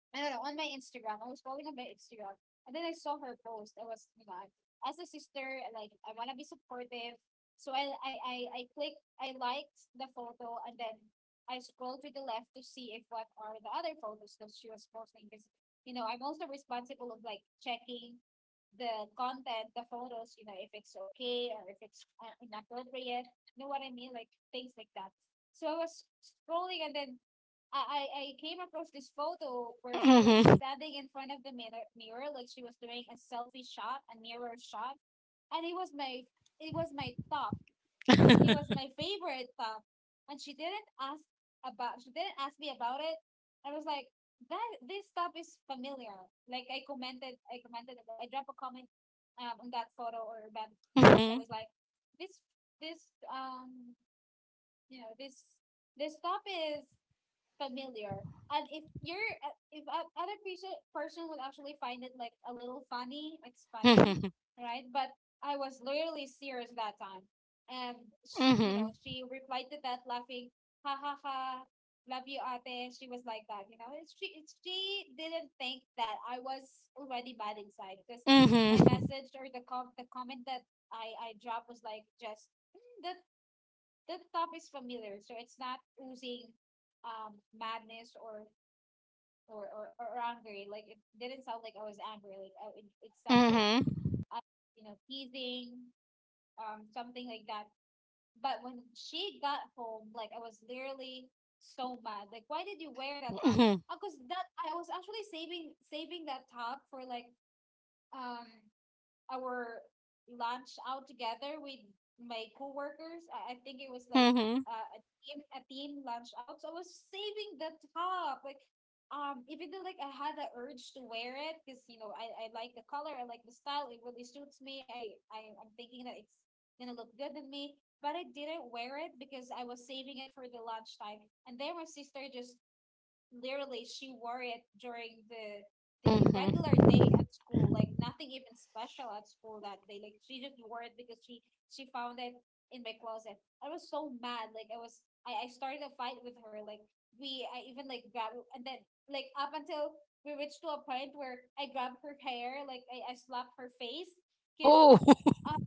A: I don't know, on my Instagram. I was scrolling on my Instagram, and then I saw her post. I was, you know, as a sister, like I wanna be supportive. So I I I I clicked. I liked the photo, and then I scrolled to the left to see if what are the other photos that she was posting. Because you know I'm also responsible of like checking the content, the photos, you know, if it's okay or if it's uh, inappropriate. You know what I mean? Like things like that. So I was scrolling and then I, I came across this photo where she was
B: Mhm.
A: standing in front of the mirror, mirror like she was doing a selfie shot, a mirror shot, and it was my it was my top it was
B: <laughs>
A: my favorite stuff. And she didn't ask about she didn't ask me about it. I was like, that this stuff is familiar. Like I commented I commented I dropped a comment um on that photo or that post. I
B: Mhm.
A: was like, this this um you know, this this stuff is familiar. And if you're uh, if a other person person would actually find it like a little funny, it's funny,
B: Mhm.
A: right? But I was literally serious that time, and sh- you know
B: Mhm.
A: she replied to that laughing, ha ha ha, love you, ate. She was like that, you know. It's she it's, she didn't think that I was already bad inside because my
B: Mhm.
A: message or the com the comment that I I dropped was like just "Mm, that the top is familiar, so it's not oozing um madness or or or, or angry. Like it didn't sound like I was angry. Like I, it, it sounds like
B: Mhm.
A: I, you know teasing, um something like that. But when she got home, like I was literally so mad. Like why did you wear that top?
B: Mhm.
A: Because that I was actually saving saving that top for like um our lunch out together with my coworkers. I, I think it was like
B: Mhm.
A: uh, a team a team lunch out. So I was saving the top, like um, even though like I had the urge to wear it because you know I, I like the color, I like the style, it really suits me. I, I I'm thinking that it's gonna look good on me, but I didn't wear it because I was saving it for the lunchtime. And then my sister just literally she wore it during the the regular
B: Mhm.
A: day at school, like nothing even special at school that day. Like she just wore it because she she found it in my closet. I was so mad. Like I was I, I started a fight with her. Like we I even like grabbed and then like up until we reached to a point where I grabbed her hair, like I, I slapped her face because
B: Oh. <laughs>
A: um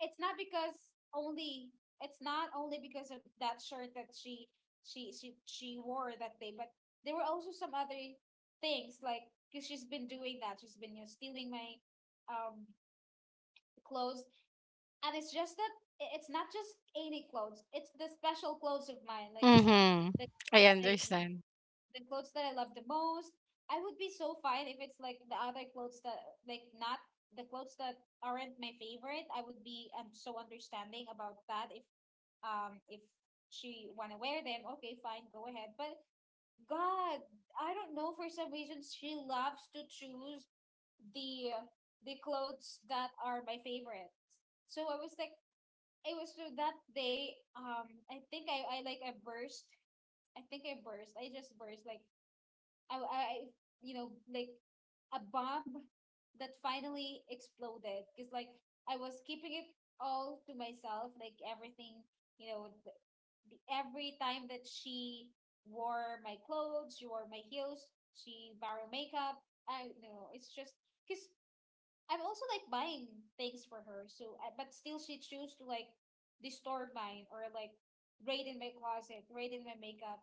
A: it's not because only it's not only because of that shirt that she she she she wore that day, but there were also some other things like because she's been doing that. She's been you know, stealing my um clothes, and it's just that i- it's not just any clothes. It's the special clothes of mine, like you know
B: Mhm.
A: the
B: I
A: that I
B: understand.
A: the clothes that I love the most. I would be so fine if it's like the other clothes that like not the clothes that aren't my favorite. I would be um, so understanding about that if um if she wanna wear them, okay, fine, go ahead. But God, I don't know for some reasons she loves to choose the the clothes that are my favorite. So I was like it was so that day, um I think I, I like I burst I think I burst. I just burst like I, I you know like a bomb that finally exploded because like I was keeping it all to myself like everything you know the, the, every time that she wore my clothes, she wore my heels, she borrowed makeup. I you know It's just because I'm also like buying things for her, so I, but still she choose to like distort mine or like raid in my closet raid in my makeup,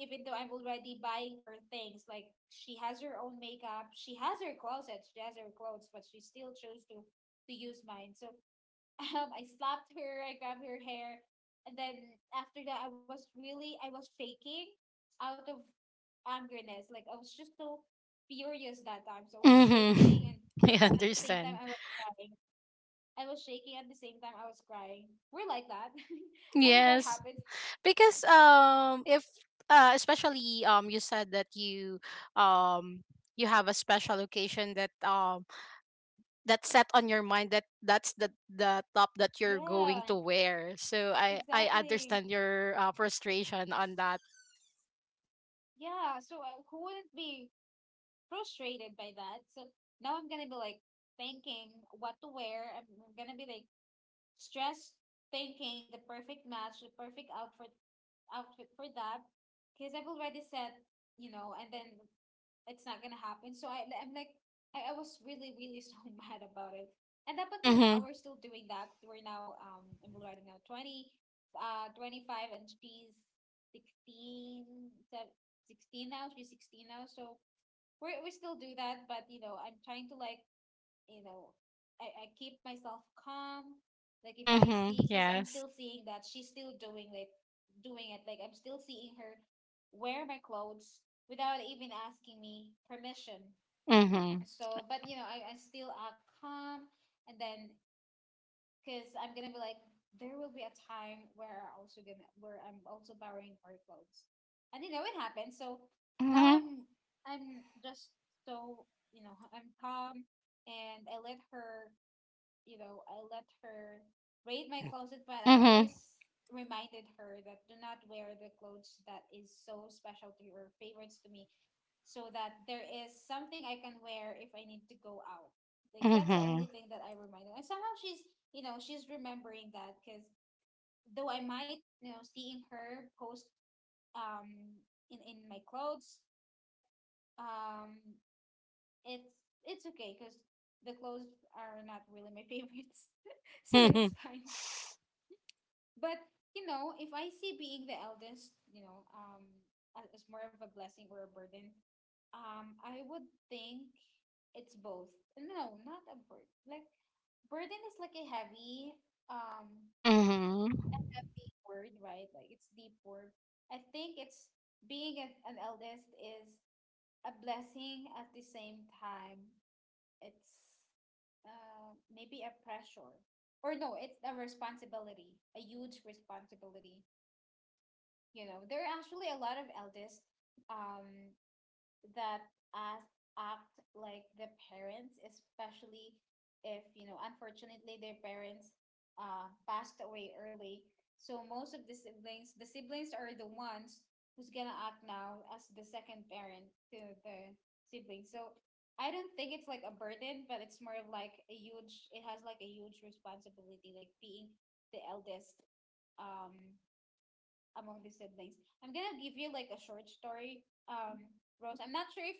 A: even though I'm already buying her things, like she has her own makeup, she has her closet, she has her clothes, but she still chose to to use mine. So <laughs> um, I slapped her, I grabbed her hair, and then after that, I was really I was shaking out of angerness. Like I was just so furious that time, so I was shaking, and
B: Mm-hmm. <laughs> I
A: at the same time, I
B: understand.
A: was crying. I was shaking at the same time I was crying. We're like that. <laughs> I mean, that
B: Yes,
A: happens.
B: because um, if uh, especially, um, you said that you um you have a special occasion that um that's set on your mind, that that's the the top that you're
A: Yeah,
B: going to wear. So I I
A: exactly.
B: understand your uh, frustration on that.
A: Yeah, so uh, who wouldn't be frustrated by that? So now I'm gonna be like thinking what to wear. I'm I'm gonna be like stressed thinking the perfect match, the perfect outfit outfit for that. Because I've already said, you know, and then it's not gonna happen. So I, I'm like, I, I was really, really so <laughs> mad about it. And up until
B: Mm-hmm.
A: now, we're still doing that. We're now, um, I'm right now twenty, uh, twenty-five, and she's sixteen, sev- sixteen now. She's sixteen now. So we're, we still do that. But, you know, I'm trying to like you know I, I keep myself calm, like if I
B: Mm-hmm.
A: see, because I'm
B: Yes.
A: still seeing that she's still doing like doing it, like I'm still seeing her wear my clothes without even asking me permission.
B: Mm-hmm.
A: So but you know I, I still act calm, and then because I'm gonna be like there will be a time where I also gonna where I'm also borrowing her clothes, and you know it happens. So now
B: Mm-hmm.
A: I'm I'm just, so you know, I'm calm, and I let her, you know, I let her raid my closet, but I
B: Mm-hmm.
A: always reminded her that do not wear the clothes that is so special to you or favorites to me, so that there is something I can wear if I need to go out. Like that's the
B: Mm-hmm.
A: only thing that I reminded. And somehow she's, you know, she's remembering that, because though I might, you know, seeing her post um in in my clothes, um, it's it's okay because the clothes are not really my favorites, <laughs> so
B: <laughs> Mm-hmm.
A: it's fine. But you know, if I see being the eldest, you know, um, a- as more of a blessing or a burden, um, I would think it's both. No, not a burden. Like burden is like a heavy um
B: Mm-hmm.
A: big word, right? Like it's deep word. I think it's being a, an eldest is a blessing at the same time. It's uh, maybe a pressure, or no, it's a responsibility, a huge responsibility. You know, there are actually a lot of elders um, that as act like the parents, especially if, you know, unfortunately their parents uh, passed away early. So most of the siblings, the siblings are the ones who's gonna act now as the second parent to the sibling. So I don't think it's like a burden, but it's more of like a huge, it has like a huge responsibility, like being the eldest. Um, among the siblings. I'm gonna give you like a short story, um, Rose. I'm not sure if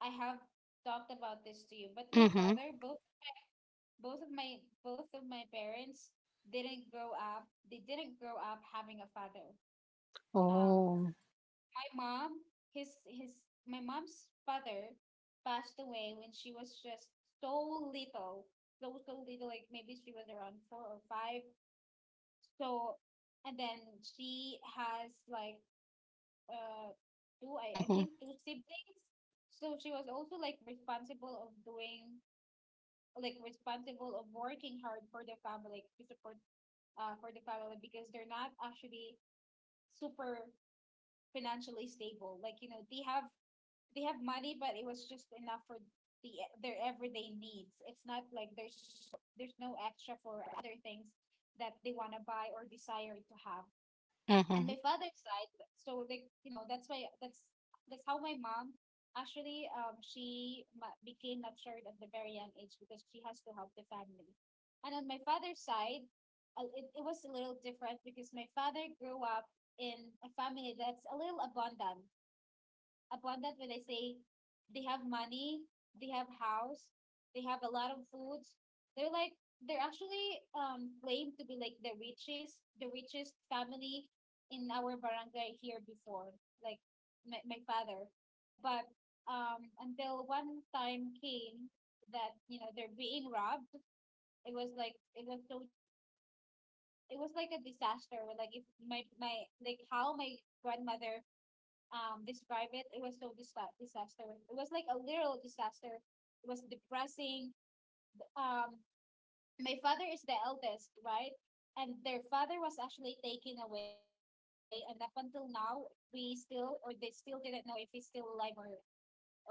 A: I have talked about this to you, but my
B: Mm-hmm.
A: father, both both of my both of my parents didn't grow up. They didn't grow up having a father. Um,
B: Oh.
A: my mom, his his my mom's father passed away when she was just so little, so so little. Like maybe she was around four or five. So, and then she has like uh two, I, I
B: Mm-hmm.
A: think two siblings. So she was also like responsible of doing like responsible of working hard for the family, to support uh for the family, because they're not actually super financially stable. Like, you know, they have they have money, but it was just enough for the their everyday needs. It's not like there's there's no extra for other things that they want to buy or desire to have. And my
B: Mm-hmm.
A: father's side, so like you know that's why that's that's how my mom actually um she ma- became matured at the very young age, because she has to help the family. And on my father's side, uh, it, it was a little different because my father grew up in a family that's a little abundant upon that. When I say they have money, they have house, they have a lot of foods, they're like they're actually um claimed to be like the richest, the richest family in our barangay here before, like my, my father. But um until one time came that, you know, they're being robbed. It was like it was so it was like a disaster. Like if my my like how my grandmother um describe it. It was so disa- disaster. It was like a literal disaster. It was depressing. Um, my father is the eldest, right? And their father was actually taken away, and up until now, we still or they still didn't know if he's still alive, or or or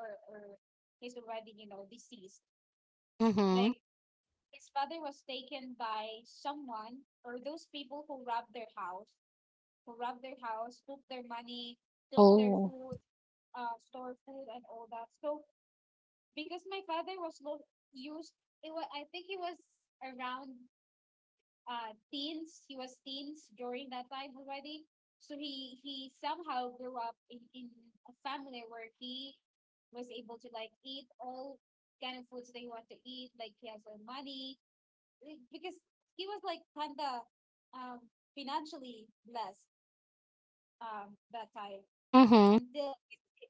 A: he's already you know deceased. Like
B: Mhm.
A: his father was taken by someone, or those people who robbed their house, who robbed their house, took their money, took their
B: Oh.
A: food, uh, store food, and all that. So because my father was both used it was I think he was around, uh teens. He was teens during that time already. So he he somehow grew up in, in a family where he was able to, like, eat all kind of foods that he wanted to eat, like he has all money, like, because he was like kind of um financially blessed, um that time,
B: Mhm.
A: until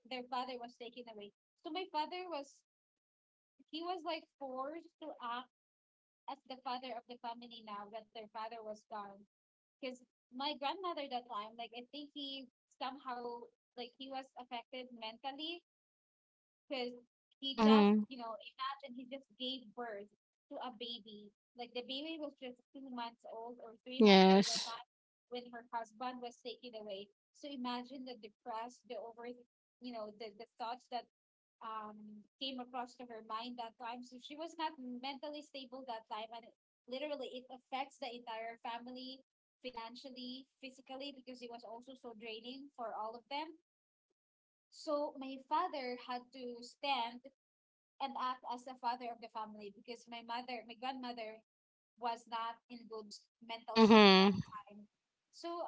A: their father was taken away. So my father was he was like forced to act as the father of the family now that their father was gone. Because my grandmother that time, like I think he somehow like he was affected mentally because he just,
B: Mhm.
A: you know imagine, he just gave birth to a baby. Like the baby was just two months old or three months old at
B: Yes.
A: that when her husband was taken away. So imagine the depressed, the over you know the the thoughts that um came across to her mind that time. So she was not mentally stable that time, and literally it affects the entire family financially, physically, because it was also so draining for all of them. So my father had to stand and act as the father of the family because my mother, my grandmother, was not in good s- mental state that
B: Mhm.
A: time. So,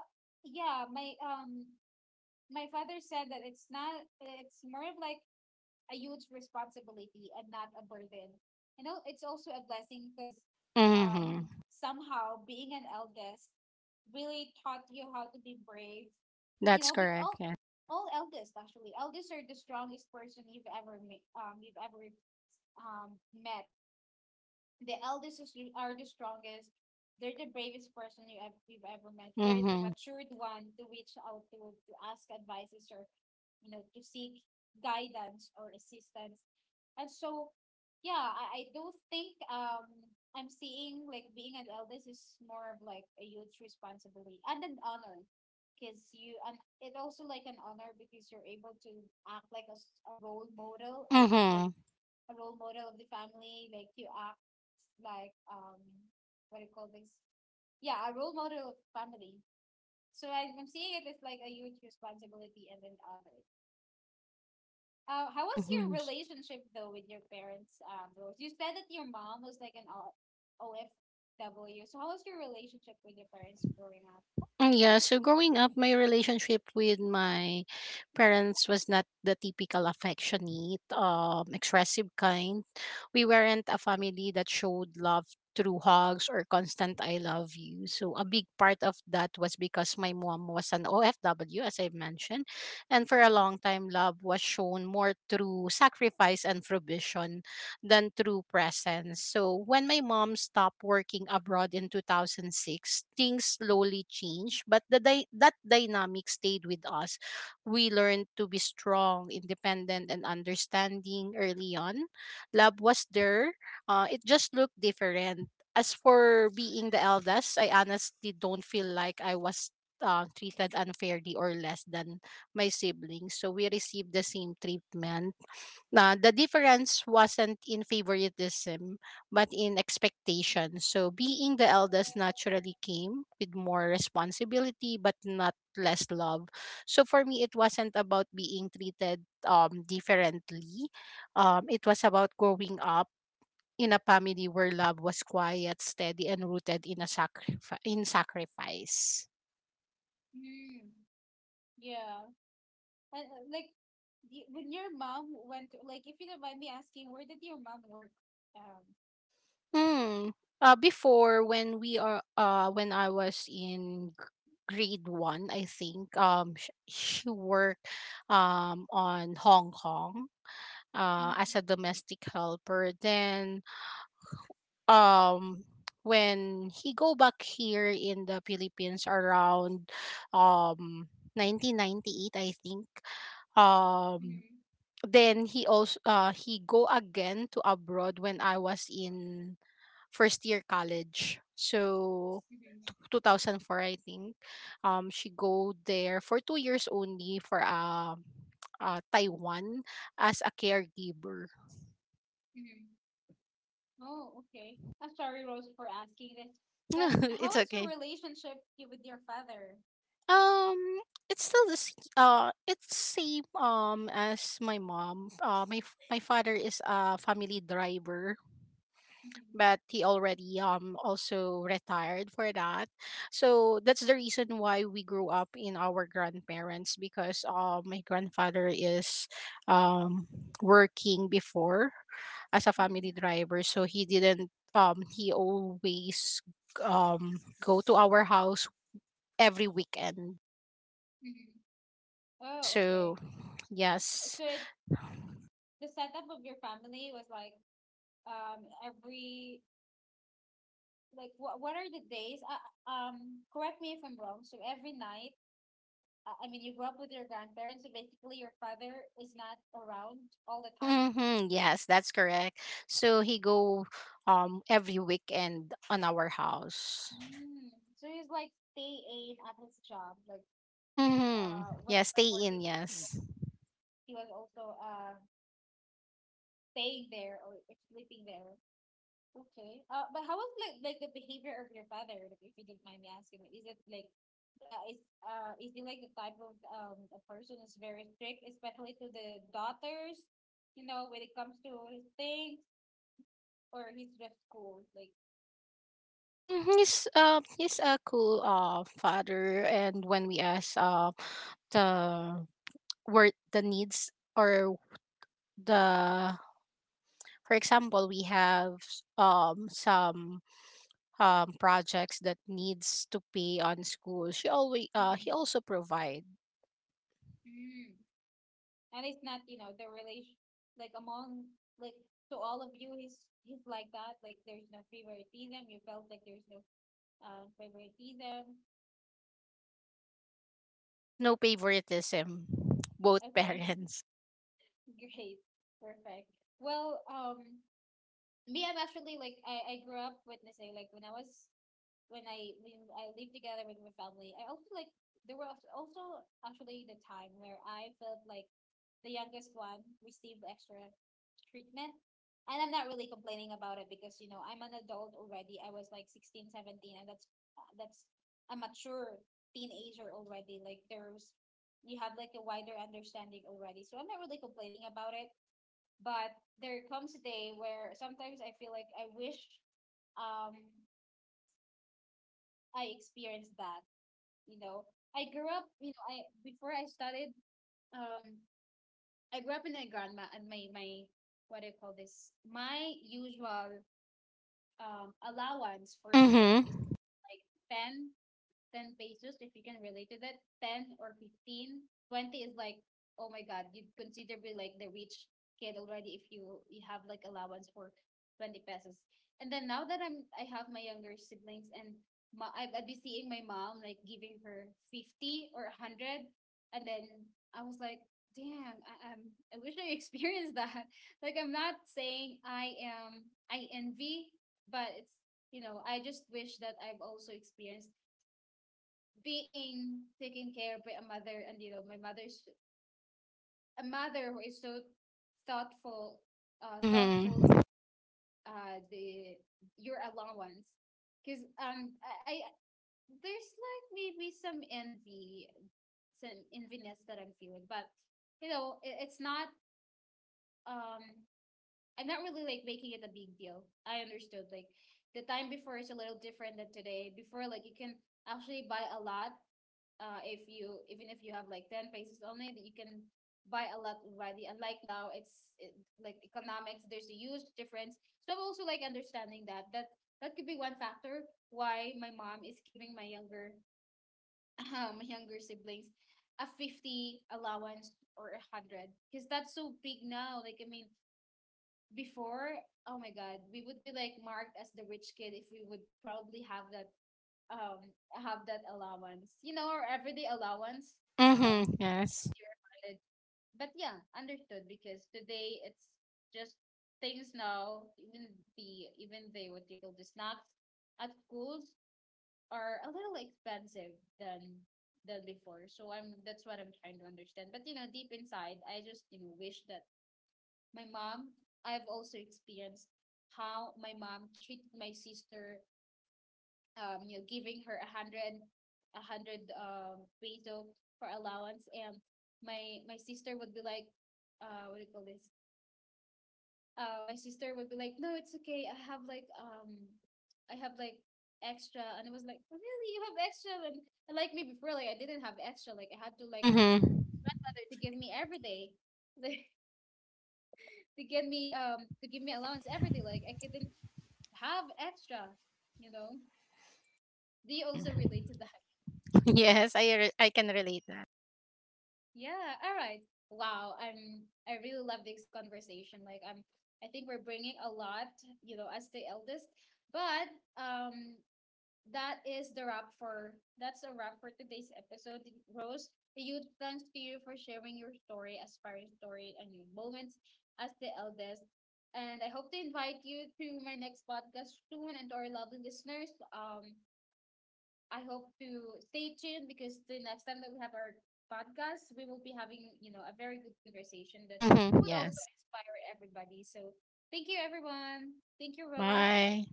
A: yeah, my um my father said that it's not it's more of like a huge responsibility and not a burden. You know, it's also a blessing because, um,
B: Mhm.
A: somehow being an eldest really taught you how to be brave. You
B: That's
A: know, because
B: correct.
A: all
B: Yeah.
A: all eldest, actually, eldest are the strongest person you've ever met. Um, you've ever um met. The eldest is, are the strongest. They're the bravest person you ever, you've ever met. They're the
B: Mhm.
A: matured one to reach out to to ask advices or, you know to seek guidance or assistance. And so, yeah, I, I do think, um I'm seeing like being an eldest is more of like a huge responsibility and an honor. Because you, and it also like an honor because you're able to act like a, s- a role model, a, like
B: Mhm.
A: a role model of the family. Like you act like, um what do you call this? Yeah, a role model of family. So I, I'm seeing it as like a huge responsibility and an honor. Uh, how was your
B: Mhm.
A: relationship though with your parents? Um, Rose, you said that your mom was like an O- OFW. So how was your relationship with your parents growing up?
B: Mm, Yeah, so growing up, my relationship with my parents was not the typical affectionate, um, expressive kind. We weren't a family that showed love through hugs or constant "I love you." So a big part of that was because my mom was an O F W, as I mentioned, and for a long time, love was shown more through sacrifice and provision than through presence. So when my mom stopped working abroad in twenty oh six, things slowly changed, but the dy- that dynamic stayed with us. We learned to be strong, independent, and understanding early on. Love was there. Uh, it just looked different. As for being the eldest, I honestly don't feel like I was uh, treated unfairly or less than my siblings. So we received the same treatment. Nah, the difference wasn't in favoritism, but in expectation. So being the eldest naturally came with more responsibility, but not less love. So for me, it wasn't about being treated um differently. Um, it was about growing up in a family where love was quiet, steady, and rooted in a sacri- in sacrifice.
A: Mm-hmm. Yeah, and uh, like, y- when your mom went, to- like, if you don't mind me asking, where did your mom work? Um.
B: Hmm. Uh, before, when we are uh when I was in gr- grade one, I think, um sh- she worked um on Hong Kong uh as
A: Mm-hmm.
B: a domestic helper. Then um when he go back here in the Philippines around um nineteen ninety-eight, I think.
A: Mm-hmm.
B: um then he also uh he go again to abroad when I was in first year college. So
A: Mm-hmm.
B: t- two thousand four, I think. Um she go there for two years only for uh, uh Taiwan as a caregiver.
A: Mm-hmm. Oh, okay. I'm sorry, Rose, for asking this. But
B: <laughs>
A: how
B: It's
A: was your
B: okay.
A: relationship y- with your father?
B: Um it's still this uh it's same um as my mom. Uh my f- my father is a family driver,
A: Mm-hmm.
B: but he already um also retired for that. So that's the reason why we grew up in our grandparents because, uh, my grandfather is um working before as a
A: Mm-hmm.
B: family driver, so he didn't um he always um go to our house every weekend.
A: Mm-hmm. Oh, okay.
B: So yes.
A: So it the setup of your family was like, um every, like, what what are the days? Uh, um, correct me if I'm wrong. So every night, uh, I mean, you grew up with your grandparents, so basically your father is not around all the time.
B: Mm-hmm. Yes, that's correct. So he go um every weekend on our house.
A: Mm. So he's like staying at his job, like,
B: Mm-hmm.
A: uh when,
B: Yeah,
A: when
B: stay in,
A: working,
B: yes.
A: he was also uh staying there or sleeping there. Okay. Uh, but how was, like like the behavior of your father? Like, if you don't mind me asking, like, is it like uh, is uh is he like the type of, um a person is very strict, especially to the daughters, you know, when it comes to his things or his just cool, like.
B: Mm-hmm. He's uh he's a cool uh father, and when we ask uh the word, the needs, or the, for example, we have um some um projects that needs to pay on school, she always uh
A: Mm-hmm.
B: he also provide.
A: Mm-hmm. And it's not, you know, the relation, like, among, like, to all of you, he's he's like that, like there's no favoritism. You felt like there's no um favoritism.
B: There's no favoritism. Both
A: Okay,
B: parents.
A: <laughs> great, perfect. Well, um me, I'm actually like, I, I grew up witnessing, like, when I was when I when I lived together with my family. I also, like, there was also actually the time where I felt like the youngest one received extra treatment. And I'm not really complaining about it because, you know I'm an adult already. I was like sixteen, seventeen, and that's that's a mature teenager already. Like, there's you have like a wider understanding already. So I'm not really complaining about it. But there comes a day where sometimes I feel like I wish, um I experienced that, you know I grew up, you know I before I started um I grew up in my grandma and my my what do you call this, my usual um allowance for school
B: Mhm.
A: is like 10 10 pesos. If you can relate to that, ten or fifteen, twenty is like, oh my god, you consider be like the rich kid already if you you have like allowance for twenty pesos. And then, now that i'm I have my younger siblings, and ma- I- would be seeing my mom like giving her fifty or a hundred. And then I was like, damn, i um, i wish I experienced that <laughs> like, I'm not saying i am I envy, but it's, you know I just wish that I've also experienced being taken care of by a mother. And, you know my mother's a mother who is so thoughtful, uh
B: Mhm.
A: thoughtful uh the your allowance. Because, um I, I there's like maybe some envy some enviness that I'm feeling. But, you know it, it's not, um I'm not really like making it a big deal. I understood like the time before is a little different than today. Before, like, you can actually buy a lot, uh if you even if you have like ten pesos only, that you can buy a lot already. And like now it's, it, like, economics, there's a huge difference. So I'm also like understanding that, that that could be one factor why my mom is giving my younger <laughs> my younger siblings a fifty allowance or a 100, because that's so big now. Like, I mean before, oh my god, we would be like marked as the rich kid if we would probably have that um have that allowance, you know, our everyday allowance, um
B: Mhm. Yes.
A: you're provided. But yeah, understood, because today it's just, things now, even the even the what you call, the snacks at schools are a little expensive than than before. So, I'm that's what I'm trying to understand. But you know, deep inside, I just, you know wish that my mom I've also experienced how my mom treated my sister. um, you know, giving her a hundred, a hundred um peso for allowance. And my my sister would be like, uh, what do you call this? Uh, my sister would be like, no, it's okay. I have like um, I have like extra. And it was like, really, you have extra? And, and, like me before, like I didn't have extra, like I had to like ask
B: Mhm.
A: grandmother to give me every day <laughs> like to give me um to give me allowance every day, like I couldn't have extra, you know. Do you also
B: Mhm.
A: relate to that?
B: <laughs> Yes, I re- I can relate that.
A: Yeah, all right. Wow, I'm I really love this conversation. Like, I'm I think we're bringing a lot, you know, as the eldest. But, um that is the wrap for that's a wrap for today's episode. Rose, a huge thanks to you for sharing your story, aspiring story and your moments as the eldest. And I hope to invite you to my next podcast soon, and to our lovely listeners. Um I hope to stay tuned because the next time that we have our podcast, we will be having, you know, a very good conversation that
B: Mhm.
A: would also
B: Yes.
A: inspire everybody. So, thank you, everyone. Thank you, Rose.
B: Bye.